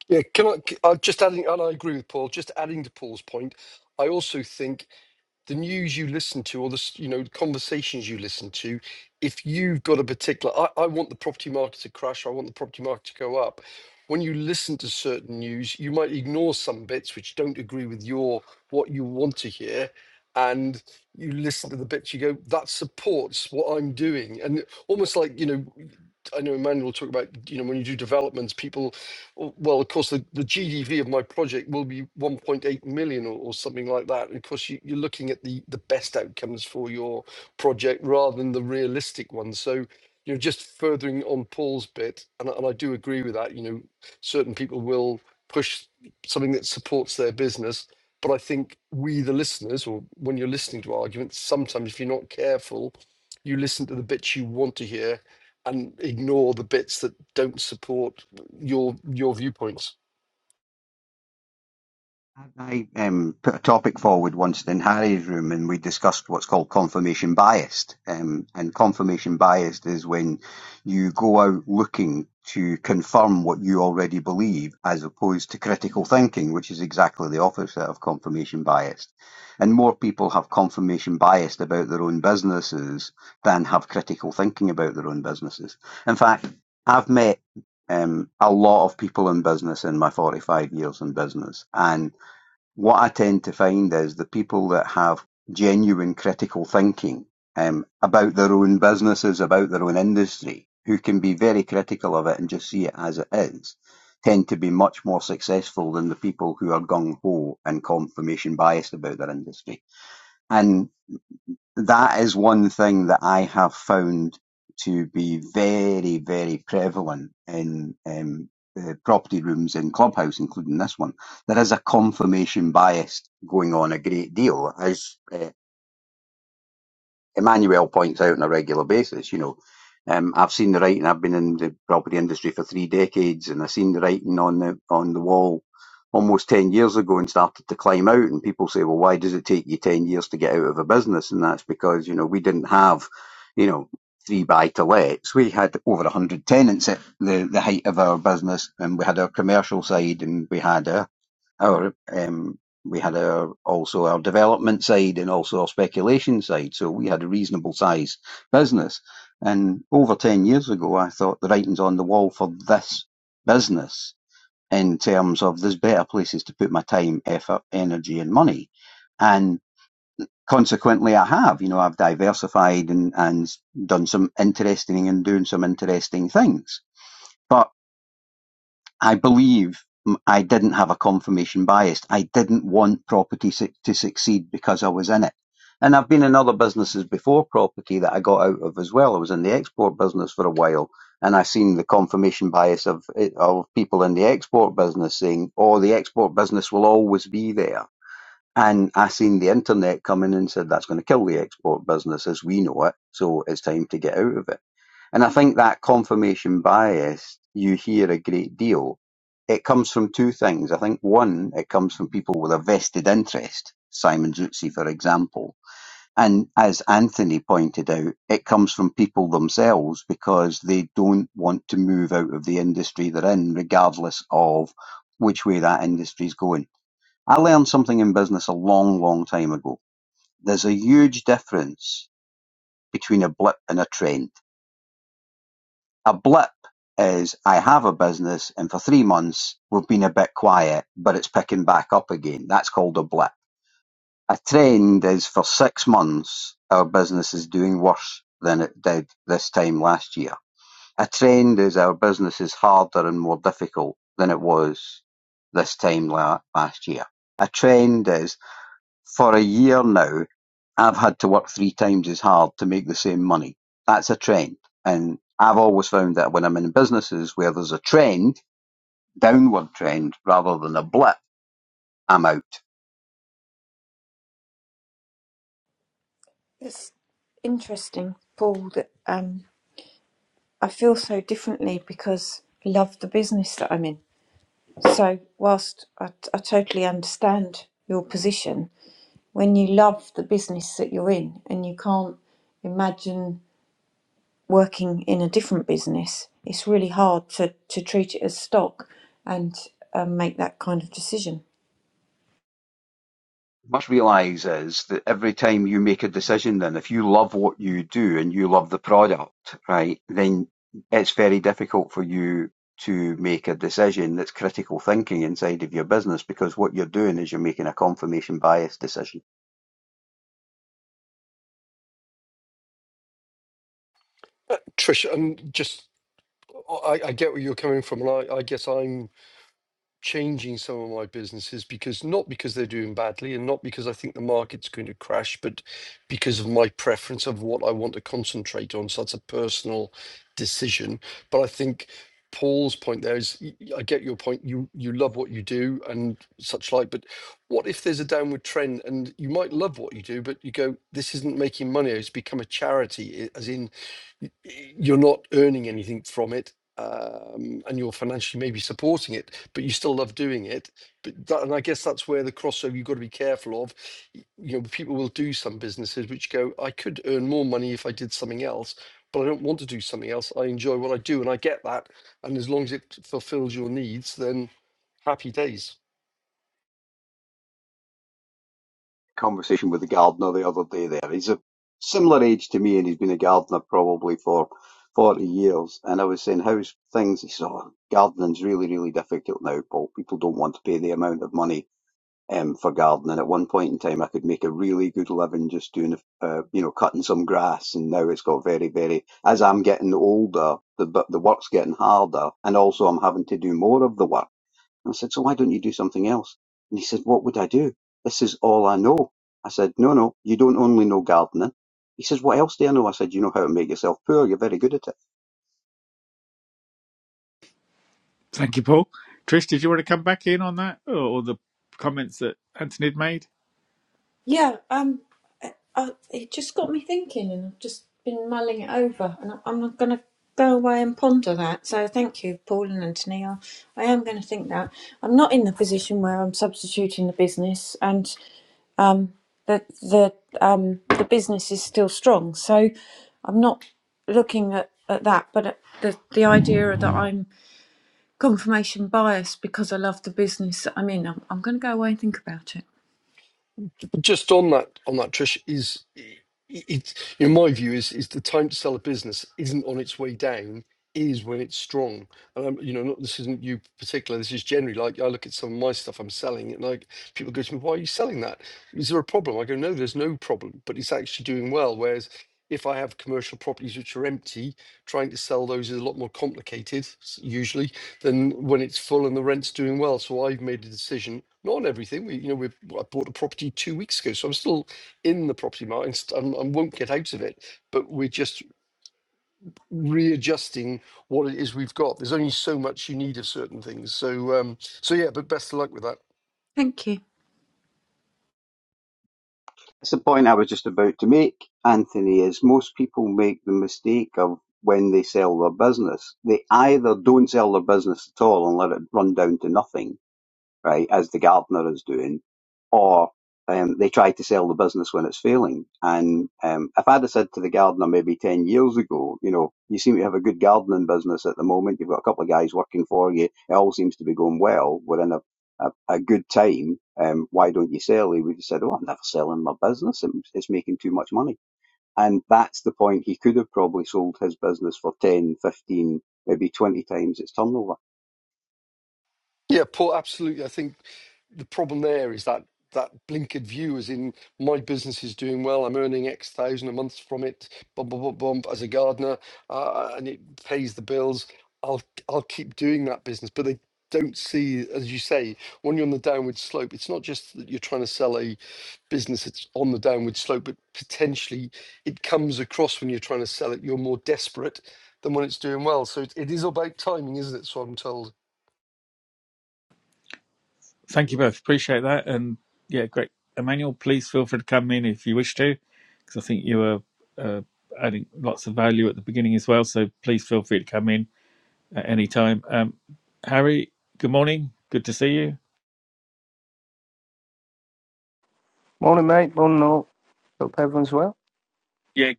Speaker 2: Yeah, can I? c- I'm just adding, and I agree with Paul. Just adding to Paul's point, I also think the news you listen to, or the s- you know the conversations you listen to, if you've got a particular, I, I want the property market to crash. I want the property market to go up. When you listen to certain news, you might ignore some bits which don't agree with your what you want to hear, and you listen to the bits you go that supports what I'm doing, and almost like you know I know Emmanuel talked about, you know, when you do developments, people well, of course, the, the GDV of my project will be 1.8 million or, or something like that. And of course, you, you're looking at the, the best outcomes for your project rather than the realistic ones. So, you know, just furthering on Paul's bit, and, and I do agree with that, you know, certain people will push something that supports their business. But I think we, the listeners, or when you're listening to arguments, sometimes if you're not careful, you listen to the bits you want to hear and ignore the bits that don't support your your viewpoints.
Speaker 6: I um, put a topic forward once in Harry's room, and we discussed what's called confirmation biased. Um, and confirmation biased is when you go out looking to confirm what you already believe, as opposed to critical thinking, which is exactly the opposite of confirmation biased. And more people have confirmation biased about their own businesses than have critical thinking about their own businesses. In fact, I've met um, a lot of people in business in my 45 years in business. and what I tend to find is the people that have genuine critical thinking um, about their own businesses, about their own industry, who can be very critical of it and just see it as it is, tend to be much more successful than the people who are gung ho and confirmation biased about their industry. And that is one thing that I have found to be very, very prevalent in um, the property rooms in Clubhouse, including this one. There is a confirmation bias going on a great deal, as uh, Emmanuel points out on a regular basis, you know, um, I've seen the writing. I've been in the property industry for three decades, and I've seen the writing on the on the wall almost ten years ago, and started to climb out. And people say, "Well, why does it take you ten years to get out of a business?" And that's because you know we didn't have, you know, three buy to lets. We had over one hundred tenants at the the height of our business, and we had our commercial side, and we had our our um, we had our also our development side and also our speculation side. So we had a reasonable size business. And over ten years ago, I thought the writing's on the wall for this business in terms of there's better places to put my time, effort, energy, and money. And consequently, I have. You know, I've diversified and and done some interesting and doing some interesting things. But I believe I I didn't have a confirmation bias. I didn't want property su- to succeed because I was in it. And I've been in other businesses before property that I got out of as well. I was in the export business for a while and I seen the confirmation bias of, it- of people in the export business saying, oh, the export business will always be there. And I seen the internet come in and said, that's going to kill the export business as we know it. So it's time to get out of it. And I think that confirmation bias you hear a great deal. It comes from two things. I think one, it comes from people with a vested interest, Simon Zutzi, for example. And as Anthony pointed out, it comes from people themselves because they don't want to move out of the industry they're in, regardless of which way that industry's going. I learned something in business a long, long time ago. There's a huge difference between a blip and a trend A blip is I have a business and for three months we've been a bit quiet, but it's picking back up again. That's called a blip. A trend is for six months our business is doing worse than it did this time last year. A trend is our business is harder and more difficult than it was this time la- last year. A trend is for a year now, I've had to work three times as hard to make the same money. That's a trend. And I've always found that when I'm in businesses where there's a trend, downward trend rather than a blip, I'm out.
Speaker 3: It's interesting, Paul, that um, I feel so differently because I love the business that I'm in. So, whilst I, I totally understand your position, when you love the business that you're in and you can't imagine working in a different business, it's really hard to, to treat it as stock and um, make that kind of decision.
Speaker 6: Must realise is that every time you make a decision then, if you love what you do and you love the product, right, then it's very difficult for you to make a decision that's critical thinking inside of your business because what you're doing is you're making a confirmation bias decision
Speaker 2: Uh, Trish, I'm just I, I get where you're coming from, and I, I guess I'm changing some of my businesses because not because they're doing badly and not because I think the market's going to crash, but because of my preference of what I want to concentrate on. So that's a personal decision. But I think Paul's point there is y- y- I get your point. You you love what you do and such like, but what if there's a downward trend and you might love what you do, but you go, this isn't making money. It's become a charity, i- as in y- y- you're not earning anything from it. Um, and you're financially maybe supporting it but you still love doing it. But that, and I guess that's where the crossover you've got to be careful of. Y- You know, people will do some businesses which go, I could earn more money if I did something else, but I don't want to do something else. I enjoy what I do, and I get that. And as long as it fulfills your needs, then happy days.
Speaker 6: conversation with the gardener the other day there. He's a similar age to me and he's been a gardener probably for 40 years. And I was saying, how's things? He said, oh, gardening's really, really difficult now, Paul. People don't want to pay the amount of money um, for gardening. At one point in time, I could make a really good living just doing, uh, you know, cutting some grass. And now it's got very, very, as I'm getting older, the, the work's getting harder. And also I'm having to do more of the work and I said, so why don't you do something else? And he said, what would I do? This is all I know. I said, no, no, you don't only know gardening. He says, what else do I know? I said, you know how to make yourself poor. You're very good at it.
Speaker 1: Thank you, Paul. Trish, did you want to come back in on that or, or the comments that Anthony had made?
Speaker 3: Yeah, um, I, it just got me thinking, and I've just been mulling it over, and I- I'm going to go away and ponder that. So thank you, Paul and Anthony. I, I am going to think that. I'm not in the position where I'm substituting the business, and um, the the um, the business is still strong. So I'm not looking at, at that, but at the the idea that I'm confirmation bias because I love the business that I'm in. I'm, I'm going to go away and think about it.
Speaker 2: Just on that, on that, Trish is it. in my view is is the time to sell a business isn't on its way down. Is when it's strong, and I'm, you know, not, this isn't you particular. This is generally like I look at some of my stuff I'm selling, and like people go to me, "Why are you selling that? Is there a problem?" I go, "No, there's no problem, but it's actually doing well." Whereas if I have commercial properties which are empty, trying to sell those is a lot more complicated s- usually than when it's full and the rent's doing well. So I've made a decision, not on everything. We, you know, we I bought a property two weeks ago, so I'm still in the property market and, st- and and won't get out of it. But we're just readjusting what it is we've got. There's only so much you need of certain things. So, um, so yeah. But best of luck with that.
Speaker 3: Thank you.
Speaker 6: It's the point I was just about to make, Anthony, is most people make the mistake of when they sell their business. They either don't sell their business at all and let it run down to nothing, right, as the gardener is doing, or um, they try to sell the business when it's failing. And um, if I'd have said to the gardener maybe 10 years ago, you know, you seem to have a good gardening business at the moment, you've got a couple of guys working for you, it all seems to be going well, we're in a, a, a good time, um, why don't you sell? He would have said, oh, I'm never selling my business, it's making too much money. And that's the point, he could have probably sold his business for 10, 15, maybe 20 times its turnover
Speaker 2: Yeah, Paul. Absolutely. I think the problem there is that that blinkered view is in my business is doing well. I'm earning X thousand a month from it. Bump, bump, bump, bump as a gardener, uh, uh, and it pays the bills. I'll I'll keep doing that business, but they don't see, as you say, when you're on the downward slope. It's not just that you're trying to sell a business that's on the downward slope, but potentially it comes across when you're trying to sell it. You're more desperate than when it's doing well. So it, it is about timing, isn't it? So I'm told.
Speaker 1: Thank you both. Appreciate that. And yeah, great. Emmanuel, please feel free to come in if you wish to, because I think you were uh, adding lots of value at the beginning as well. So please feel free to come in at any time. Um, Harry, good morning. Good to see you.
Speaker 7: Morning, mate. Morning, all. Hope everyone's well. Yeah,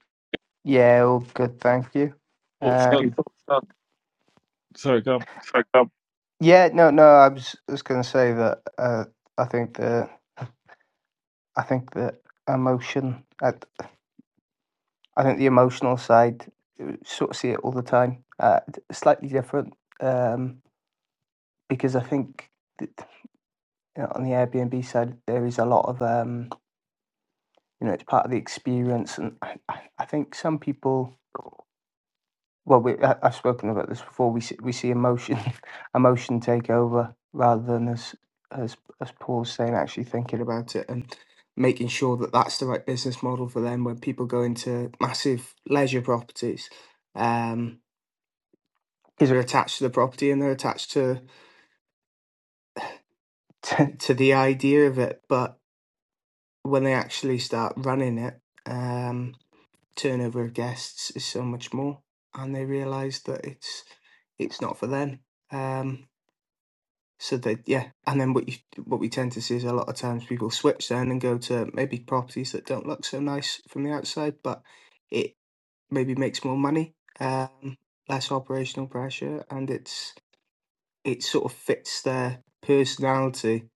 Speaker 7: Yeah, all good, thank you.
Speaker 1: Thoughts
Speaker 7: Uh, any
Speaker 1: on?
Speaker 7: thoughts on
Speaker 1: Sorry, go on.
Speaker 7: so come yeah, no, no. I was was going to say that uh, I think the I think the emotion, I, I think the emotional side, you sort of see it all the time. Uh, d- slightly different um, because I think that, you know, on the Airbnb side there is a lot of um, you know it's part of the experience, and I, I I think some people well, we, I, I've spoken about this before. We see, we see emotion, [LAUGHS] emotion take over rather than as as as Paul's saying, actually thinking about it and making sure that that's the right business model for them. When people go into massive leisure properties, um, because they're attached to the property and they're attached to, [LAUGHS] to to the idea of it, but when they actually start running it, um, turnover of guests is so much more, and they realise that it's it's not for them. Um, So they, yeah, and then what you what we tend to see is a lot of times people switch then and go to maybe properties that don't look so nice from the outside, but it maybe makes more money, um, less operational pressure, and it's it sort of fits their personality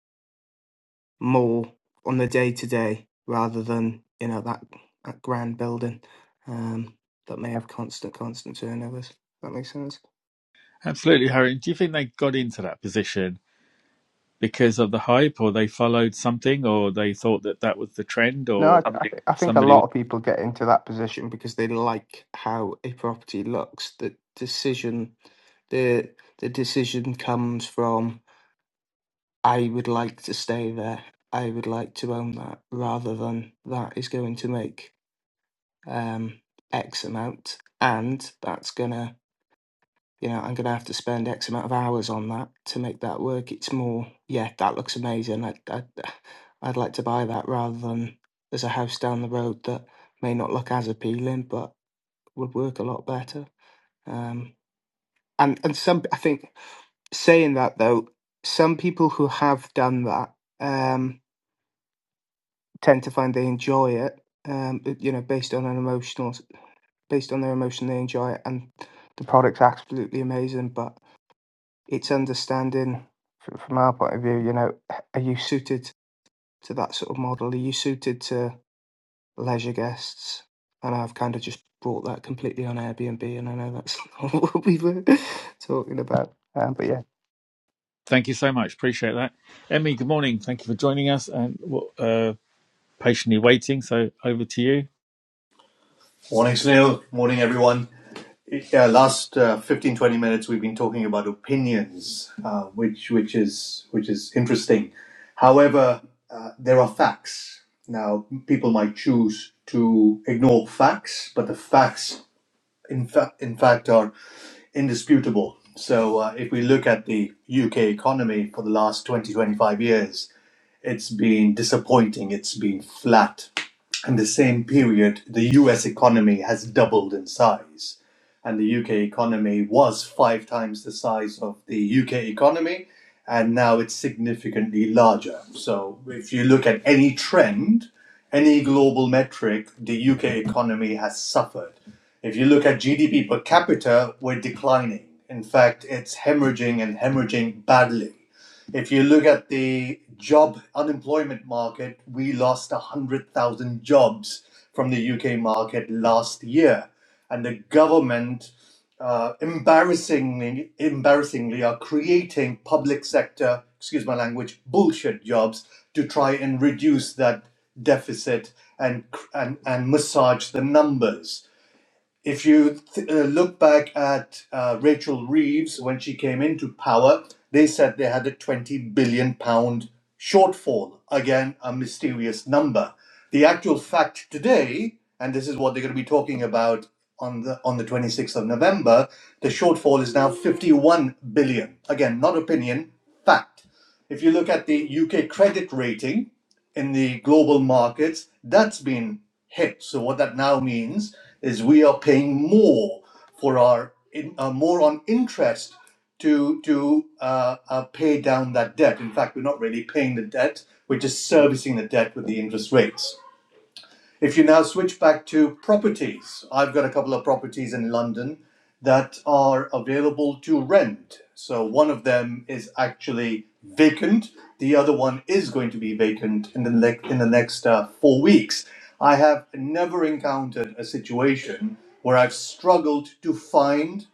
Speaker 7: more on the day to day rather than you know that that grand building um, that may have constant constant turnovers. that makes sense.
Speaker 1: Absolutely, Harry. Do you think they got into that position because of the hype, or they followed something, or they thought that that was the trend,
Speaker 7: No, I,
Speaker 1: or
Speaker 7: I you? I think a
Speaker 1: somebody?
Speaker 7: lot
Speaker 1: Was...
Speaker 7: of people get into that position because they like how a property looks. The decision, the the decision comes from I would like to stay there. I would like to own that, rather than that is going to make um, X amount, and that's gonna you know, I'm going to have to spend X amount of hours on that to make that work. It's more, yeah, that looks amazing. I'd, I'd, [SIGHS] I'd like to buy that rather than there's a house down the road that may not look as appealing, but would work a lot better. Um, and, and some, I think saying that though, some people who have done that um, tend to find they enjoy it. Um, you know, based on an emotional, based on their emotion, they enjoy it, and the product's absolutely amazing. But it's understanding fr- from our point of view, you know, are you suited to that sort of model? Are you suited to leisure guests? And I've kind of just brought that completely on Airbnb, and I know that's [LAUGHS] not what we were [LAUGHS] talking about. Um, but yeah,
Speaker 1: Thank you so much. Appreciate that, Emmy. Good morning. Thank you for joining us and well, uh, patiently waiting. So over to you.
Speaker 8: Morning, Snail. Morning, everyone. Yeah, last uh, 15, twenty minutes we've been talking about opinions, uh, which which is which is interesting. However, uh, there are facts. Now, people might choose to ignore facts, but the facts, in fact, in fact, are indisputable. So, uh, if we look at the UK economy for the last 20 25 years, it's been disappointing, it's been flat. In the same period, the US economy has doubled in size. And the UK economy was five times the size of the UK economy, and now it's significantly larger. So, if you look at any trend, any global metric, the UK economy has suffered. If you look at GDP per capita, we're declining. In fact, it's hemorrhaging and hemorrhaging badly. If you look at the job unemployment market, we lost 100,000 jobs from the UK market last year. And the government, uh, embarrassingly, embarrassingly, are creating public sector, excuse my language, bullshit jobs to try and reduce that deficit and, and, and massage the numbers if you th- uh, look back at uh, Rachel Reeves when she came into power, they said they had a 20 billion pound shortfall. Again, a mysterious number. The actual fact today, and this is what they're going to be talking about on the on the 26th of November, the shortfall is now 51 billion. Again, not opinion, fact. If you look at the UK credit rating in the global markets, that's been hit. So what that now means is we are paying more for our in, uh, more on interest to to uh, uh, pay down that debt. In fact, we're not really paying the debt; we're just servicing the debt with the interest rates. If you now switch back to properties, I've got a couple of properties in London that are available to rent. So one of them is actually vacant. The other one is going to be vacant in the ne- in the next uh, four weeks. I have never encountered a situation where I've struggled to find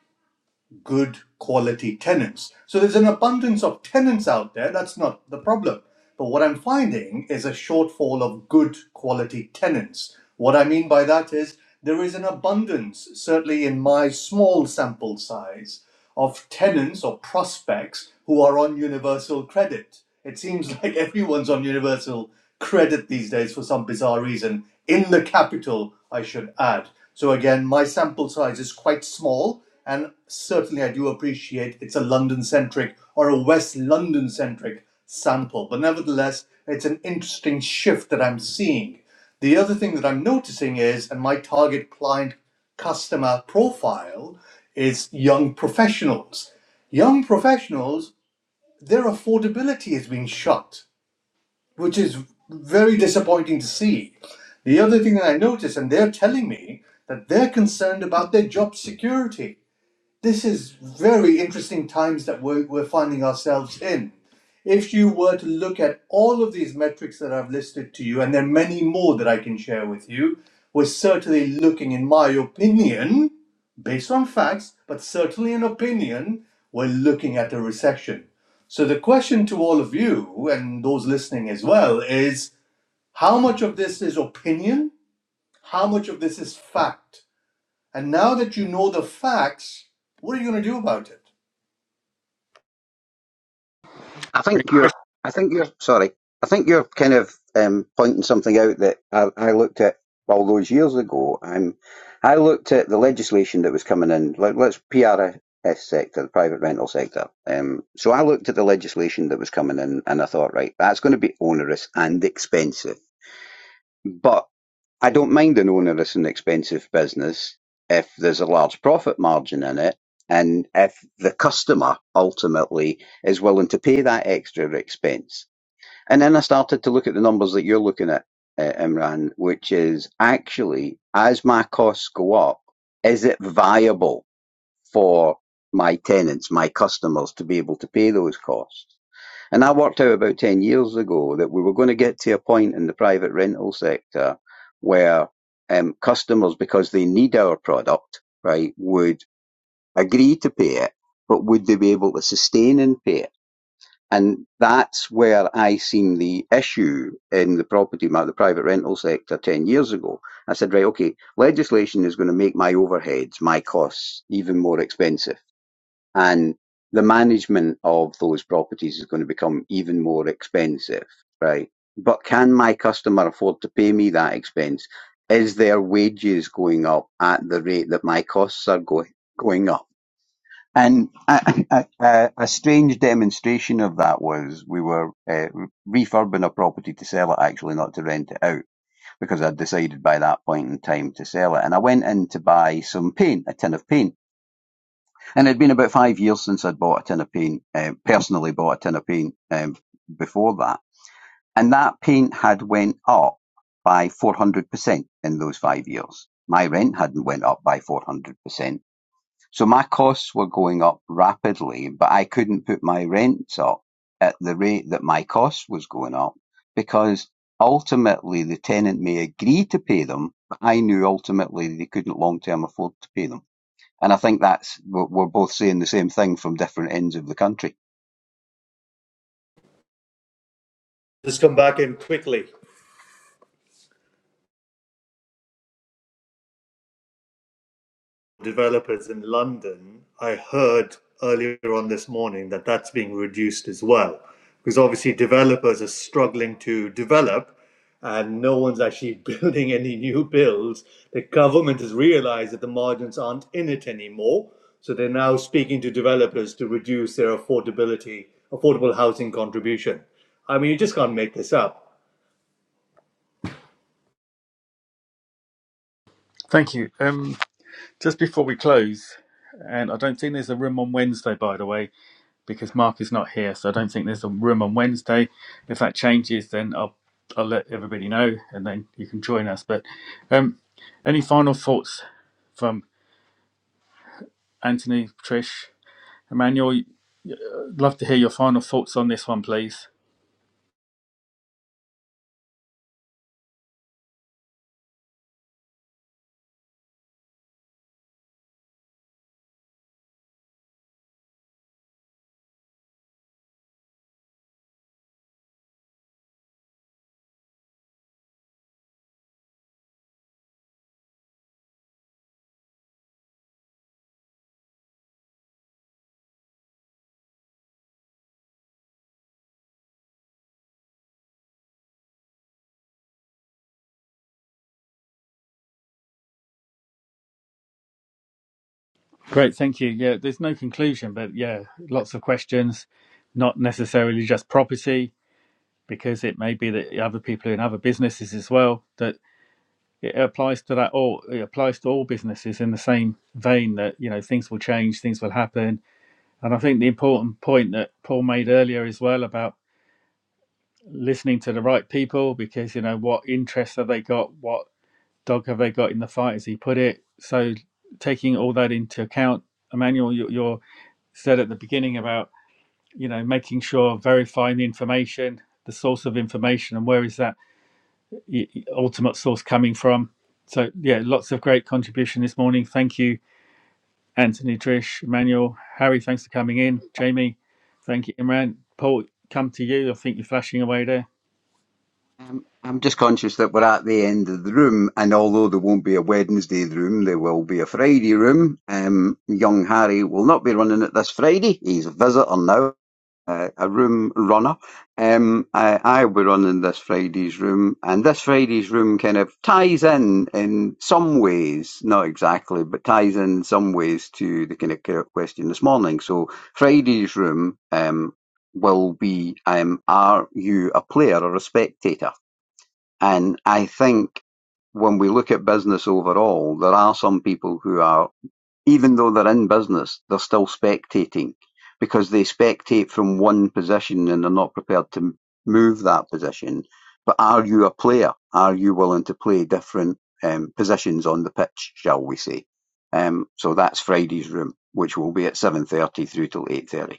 Speaker 8: good quality tenants. So there's an abundance of tenants out there. That's not the problem. But what I'm finding is a shortfall of good quality tenants. What I mean by that is there is an abundance, certainly in my small sample size, of tenants or prospects who are on universal credit. It seems [LAUGHS] like everyone's on universal credit these days for some bizarre reason, in the capital, I should add. So, again, my sample size is quite small, and certainly I do appreciate it's a London centric or a West London centric sample. But nevertheless, it's an interesting shift that I'm seeing. The other thing that I'm noticing is, and my target client customer profile is young professionals. Young professionals, their affordability has been shot, which is very disappointing to see. The other thing that I noticed, and they're telling me that they're concerned about their job security this is very interesting times that we're, we're finding ourselves in. If you were to look at all of these metrics that I've listed to you, and there are many more that I can share with you, we're certainly looking, in my opinion, based on facts, but certainly an opinion, we're looking at a recession. So the question to all of you and those listening as well is how much of this is opinion? How much of this is fact? And now that you know the facts, what are you going to do about it?
Speaker 6: I
Speaker 1: Great
Speaker 6: think you're.
Speaker 1: question.
Speaker 6: I think you're. Sorry. I think you're kind of um, pointing something out that I, I looked at all those years ago. I'm. I looked at the legislation that was coming in. Let, let's PRS sector, the private rental sector. Um, so I looked at the legislation that was coming in, and I thought, right, that's going to be onerous and expensive. but. I don't mind an onerous and expensive business if there's a large profit margin in it and if the customer ultimately is willing to pay that extra expense. And then I started to look at the numbers that you're looking at, uh, Imran, which is actually as my costs go up, is it viable for my tenants, my customers to be able to pay those costs? And I worked out about 10 years ago that we were going to get to a point in the private rental sector where um, customers, because they need our product, right, would agree to pay it, but would they be able to sustain and pay it? And that's where I seen the issue in the property market, the private rental sector 10 years ago. I said, right, okay, legislation is going to make my overheads, my costs even more expensive and the management of those properties is going to become even more expensive, right? But can my customer afford to pay me that expense? Is their wages going up at the rate that my costs are going going up? And a, a, a, a strange demonstration of that was we were uh, refurbing a property to sell it, actually, not to rent it out, because I'd decided by that point in time to sell it. And I went in to buy some paint, a tin of paint and it'd been about five years since I'd bought a tin of paint, um, personally bought a tin of paint um, before that. And that paint had went up by 400% in those five years. My rent hadn't went up by 400%. So my costs were going up rapidly, but I couldn't put my rents up at the rate that my costs was going up because ultimately the tenant may agree to pay them, but I knew ultimately they couldn't long term afford to pay them. And I think that's we're both saying the same thing from different ends of the country.
Speaker 8: just come back in quickly. Developers in London, I heard earlier on this morning that that's being reduced as well, because obviously developers are struggling to develop and no one's actually [LAUGHS] building any new builds. The government has realized that the margins aren't in it anymore, so they're now speaking to developers to reduce their affordability, affordable housing contribution. I mean, you just can't make this up.
Speaker 1: Thank you. Um, just before we close, and I don't think there's a room on Wednesday, by the way. because Mark is not here, so I don't think there's a room on Wednesday. If that changes, then I'll I'll let everybody know, and then you can join us. But um, any final thoughts from Anthony, Trish, Emmanuel? Love to hear your final thoughts on this one, please. Great, thank you. Yeah, there's no conclusion, but yeah, lots of questions, not necessarily just property, because it may be that other people in other businesses as well that it applies to that all it applies to all businesses in the same vein that you know things will change things will happen and i think the important point that paul made earlier as well about listening to the right people because you know what interests have they got what dog have they got in the fight as he put it so taking all that into account emmanuel you, you said at the beginning about you know making sure verifying the information the source of information and where is that ultimate source coming from. So yeah, lots of great contribution this morning. Thank you, Anthony, Trish, Emmanuel, Harry. Thanks for coming in. Jamie, thank you, Imran. Paul, come to you. I think you're flashing away there.
Speaker 6: Um, I'm just conscious that we're at the end of the room, and although there won't be a Wednesday room, there will be a Friday room. Um, young Harry will not be running it this Friday; he's a visitor now. uh, a room runner. Um, I, I will be running this Friday's room, and this Friday's room kind of ties in in some ways, not exactly, but ties in some ways to the kind of que- question this morning. So Friday's room um, will be: um, Are you a player or a spectator? And I think when we look at business overall, there are some people who are even though they're in business, they're still spectating because they spectate from one position and they're not prepared to move that position. But are you a player? Are you willing to play different um, positions on the pitch, shall we say? Um, so that's Friday's room, which will be at 7.30 through till 8.30.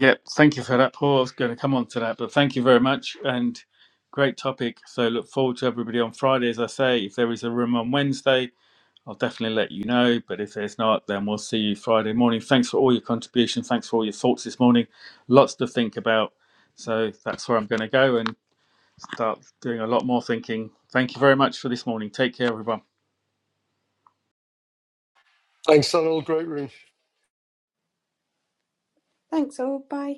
Speaker 1: Yep. Thank you for that, Paul. I was going to come on to that, but thank you very much and great topic. So look forward to everybody on Friday. As I say, if there is a room on Wednesday, I'll definitely let you know. But if there's not, then we'll see you Friday morning. Thanks for all your contribution. Thanks for all your thoughts this morning. Lots to think about. So that's where I'm going to go and start doing a lot more thinking. Thank you very much for this morning. Take care, everyone.
Speaker 2: Thanks, Sunil. Great room.
Speaker 3: Thanks all. Bye.